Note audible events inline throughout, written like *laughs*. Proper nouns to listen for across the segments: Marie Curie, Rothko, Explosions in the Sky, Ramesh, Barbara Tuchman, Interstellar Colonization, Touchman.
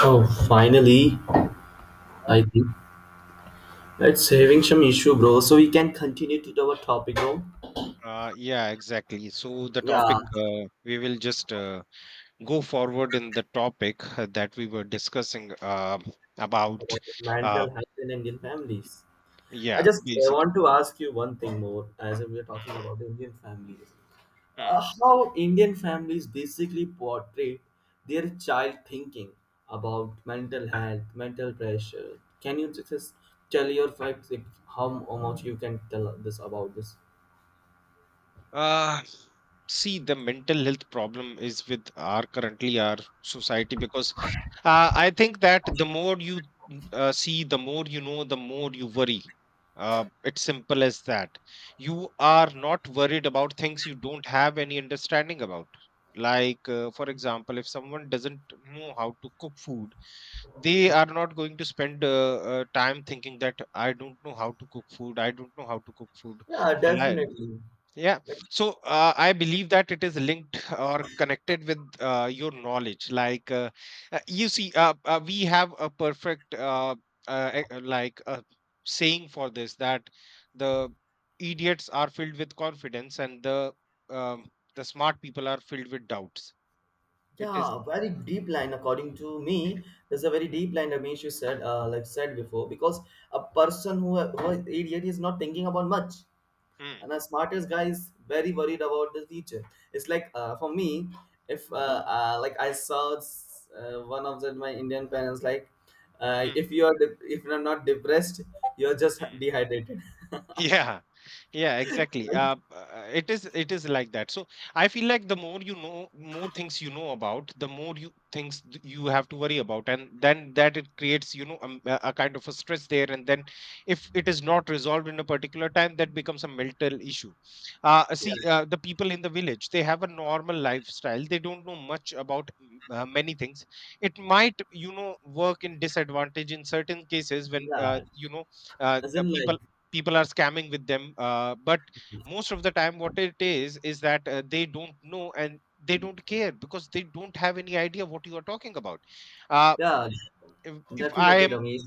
Oh, finally, I think it's having some issue, bro. So we can continue to our topic, bro. Yeah, exactly. So the Yeah, topic we will just go forward in the topic that we were discussing about. about Uh, mental health in Indian families. I yeah, just basic. want to ask you one thing more, as we are talking about the Indian families. Mm, mm. How Indian families basically portray their child thinking about mental health, mental pressure. Can you just tell your facts? Like, how much you can tell us this about this? Uh, See, the mental health problem is with our currently our society because I think that the more you see, the more you know, the more you worry. It's simple as that. You are not worried about things you don't have any understanding about. Like, for example, if someone doesn't know how to cook food, they are not going to spend time thinking that I don't know how to cook food. I don't know how to cook food. Yeah, Shall I? definitely. Yeah. Like. So I believe that it is linked or connected with your knowledge. Like, you see, we have a perfect uh, e- uh, like uh, saying for this that the idiots are filled with confidence and the smart people are filled with doubts. It is. Yeah, very deep line. According to me, there's a very deep line, Ramesh, you said, like said before, because a person who is idiot is not thinking about much, Mm, and a smartest guy is very worried about the future. It's like for me, if like I saw one of my Indian parents, like, mm, if you are not depressed, you're just mm. dehydrated, Yeah, yeah, *laughs* exactly. right? It is like that. So I feel like the more you know, more things you know about, the more you have to worry about, and then that it creates, you know, a kind of a stress there. And then if it is not resolved in a particular time, that becomes a mental issue. Yeah, The people in the village, they have a normal lifestyle. They don't know much about many things. It might, you know, work in disadvantage in certain cases when, yeah. you know, uh, As uh, in, people like, people are scamming with them, but most of the time what it is that they don't know and they don't care because they don't have any idea what you are talking about. uh, yeah, if I definitely, am, Ramesh.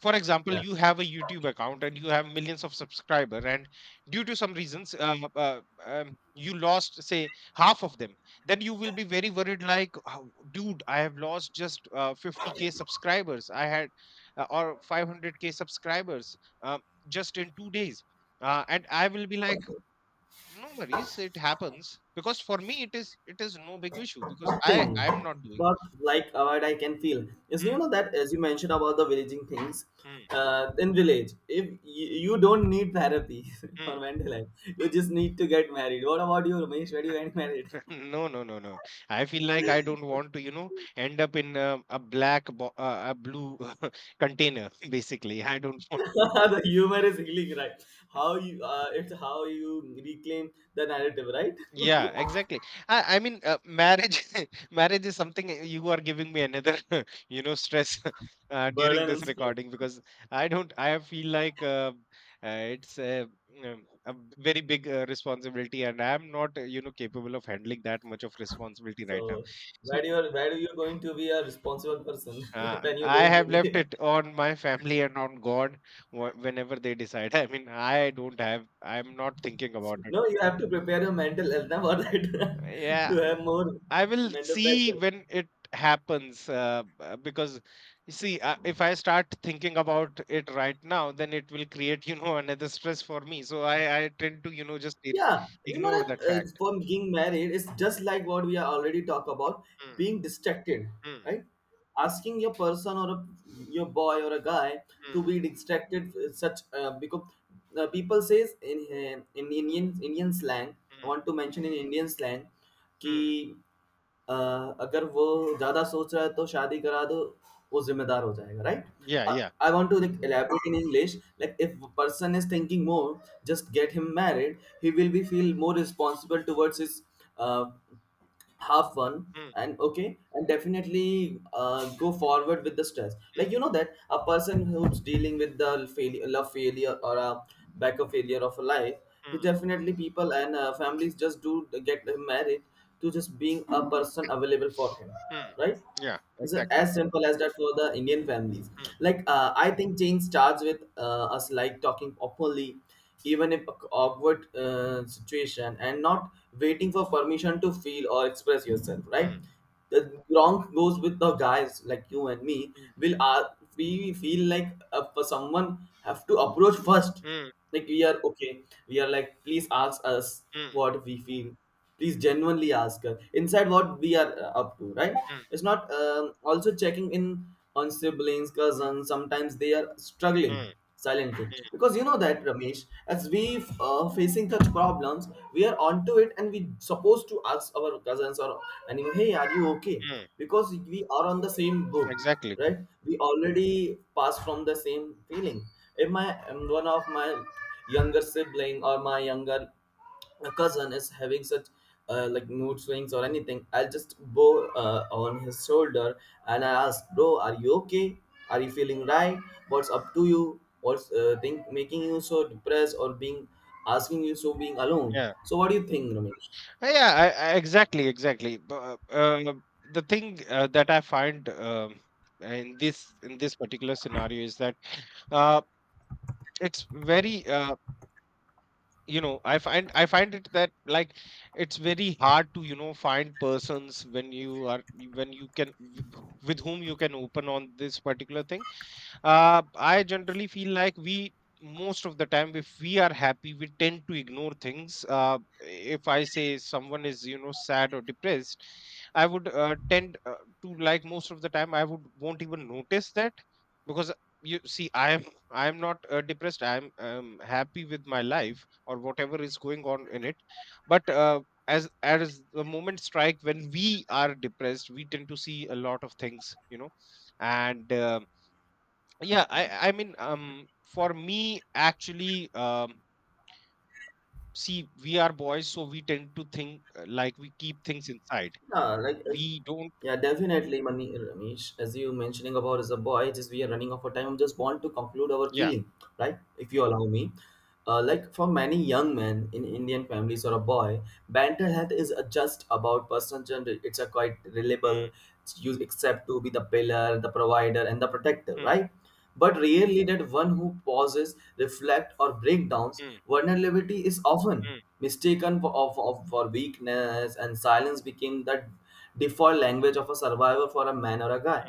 for example, Yeah. you have a YouTube account and you have millions of subscriber and due to some reasons you lost, say, half of them, then you will be very worried like, "How- dude, I have lost just 50k subscribers I had, or 500k subscribers um, just in 2 days, and I will be like, no worries, it happens, because for me it is, it is no big issue because i Nothing, i am not doing." but like what I can feel is, you know, that as you mentioned about the villaging things, Mm, in village, if you, you don't need therapy mm, *laughs* mm. or mental health, you just need to get married. What about you, Ramesh, where do you get married? *laughs* No, no, no, no. I feel like I don't want to, you know, end up in a, a blue *laughs* container, basically. I don't *laughs* want. *laughs* The humor is healing, right? How you it's how you reclaim the narrative, right? *laughs* Yeah, exactly. I mean, marriage, *laughs* marriage is something, you are giving me another, *laughs* you know, stress *laughs* during Burden this and stress. recording, because I don't, I feel like it's a very big responsibility, and I'm not, you know, capable of handling that much of responsibility right now. So So where do you, where do you going to be a responsible person *laughs* when you're I going to have be? left it on my family and on God whenever they decide. *laughs* I mean, I don't have, I'm not thinking about it. No, you have to prepare your mental health *laughs* now for that, *laughs* to Yeah, have more I will mental see pressure. when it happens, because you see, if I start thinking about it right now, then it will create, *laughs* you know, another stress for me. So I tend to, you know, just Yeah, you know ignore that that, fact. for being married, it's just like what we are already talk about, Mm, being distracted, mm, right? Asking your person or a, your boy or a guy to mm, be distracted, such because people says in Indian slang. I mm, want to mention in Indian slang, mm. ki अ, अगर वो ज़्यादा सोच रहा है तो शादी करा दो, वो ज़िम्मेदार हो जाएगा, right? Yeah, uh, yeah. I want to like elaborate in English, like if person is thinking more, just get him married, he will be feel more responsible towards his uh have fun Mm, and okay. And definitely go forward with the stress, like mm, you know that a person who's dealing with the failure, love failure or a back of failure of a life, he mm, definitely people and families just do get him married to just being a person available for him, mm. right? Yeah, It's a- exactly. as simple as that for the Indian families. Mm, Like I think change starts with us, like talking openly, even in a awkward situation, and not waiting for permission to feel or express yourself. Right? mm, The wrong goes with the guys like you and me. mm, Will we feel like for someone have to approach first? mm. Like, we are okay, we are like please ask us Mm, what we feel, please genuinely ask us inside what we are up to, right? mm, It's not also checking in on siblings, cousins, sometimes they are mm, struggling silently, mm, because you know that, Ramesh, as we facing such problems, we are onto it, and we supposed to ask our cousins or anyone, hey, are you okay? mm. Because we are on the same book, Exactly. right? We already pass from the same feeling. If my one of my younger sibling or my younger cousin is having such like mood swings or anything, I'll just go on his shoulder and I ask, bro, are you okay? Are you feeling right? What's up to you? What's think making you so depressed or being asking you so being alone? Yeah. So what do you think, Ramesh? Yeah. Exactly. Exactly. But the thing that I find, in this particular scenario is that uh, it's very, you know, I find it that, like, it's very hard to, you know, find persons when you are, when you can, with whom you can open on this particular thing. I generally feel like, we, most of the time, if we are happy, we tend to ignore things. If I say someone is, you know, sad or depressed, I would tend, to, like, most of the time I would won't even notice that because, you see, I am not depressed, I am happy with my life or whatever is going on in it. But as the moment strike, when we are depressed, we tend to see a lot of things, you know. And yeah, I mean, for me, actually, see, we are boys, so we tend to think, like, we keep things inside. Yeah, like as- We don't. yeah, definitely, Ramesh. As you mentioning about as a boy, just we are running out of time. I just want to conclude our Yeah. feeling, right? If you allow me, like for many young men in Indian families or a boy, mental health is just about personal gender. It's a quite Mm, reliable. You accept to be the pillar, the provider, and the protector, mm, right? But rarely that one who pauses, reflects, or breaks down. mm, Vulnerability is often mm, mistaken for, for weakness, and silence became that default language of a survivor for a man or a guy.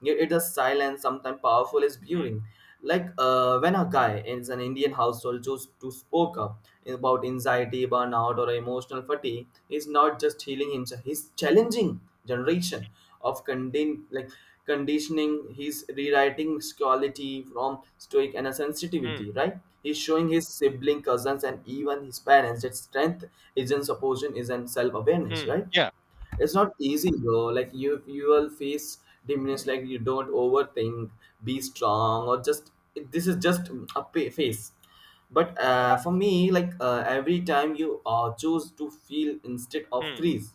Yet it is silence, sometimes powerful, is mm, burying. Like when a guy in an Indian household chooses to spoke up about anxiety, burnout, or emotional fatigue, he's not just healing himself; he's challenging generation of conditioning. He's rewriting quality from stoic and a mm, sensitivity, right? He's showing his sibling, cousins, and even his parents that strength isn't supposition, isn't self-awareness, mm, right? yeah. It's not easy, bro, like you will face diminish, like you don't overthink, be strong, or just this is just a face. But for me, like every time you choose to feel instead of Mm, freeze,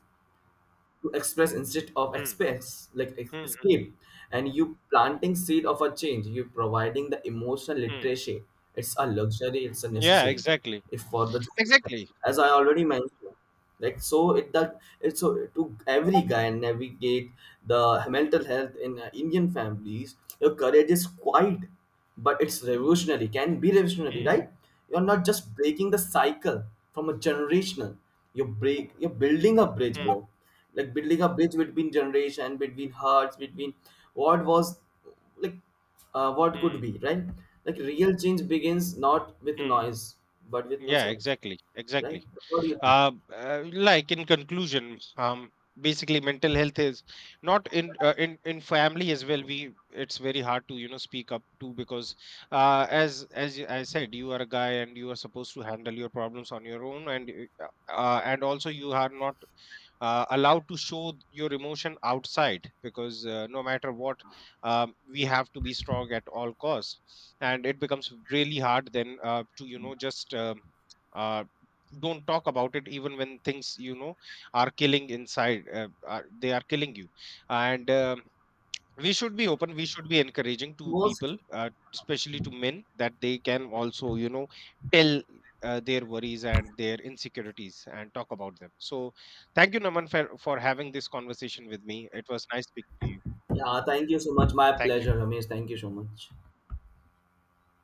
to express instead of mm, express, like mm, mm, escape, and you planting seed of a change, you providing the emotional mm. literacy. It's a luxury, it's a Yeah. necessity, Exactly. if for the generation. Exactly. As I already mentioned, like so it that it's so to every guy navigate the mental health in Indian families, your courage is quiet, but it's revolutionary, can be revolutionary, Mm, right? You're not just breaking the cycle from a generational, you break, you're building a bridge, mm, bro, like building a bridge between generation, between hearts, between what was, like what mm, could be, right? Like, real change begins not with mm. noise, but with no Yeah, sense, exactly, right? exactly. What do you think? Like, in conclusion, basically, mental health is not in, in family as well. We it's very hard to, you know, speak up to because, as I said, you are a guy and you are supposed to handle your problems on your own, and and also you are not allowed to show your emotion outside because, no matter what, we have to be strong at all costs, and it becomes really hard then, to, you know, just uh, don't talk about it even when things, you know, are killing inside, are, they are killing you. And we should be open, we should be encouraging to Most, people, especially to men, that they can also, you know, tell their worries and their insecurities and talk about them. So thank you, Naman, for having this conversation with me. It was nice speaking to you. yeah, thank you so much, my Thank you. pleasure, Ramesh, thank you so much.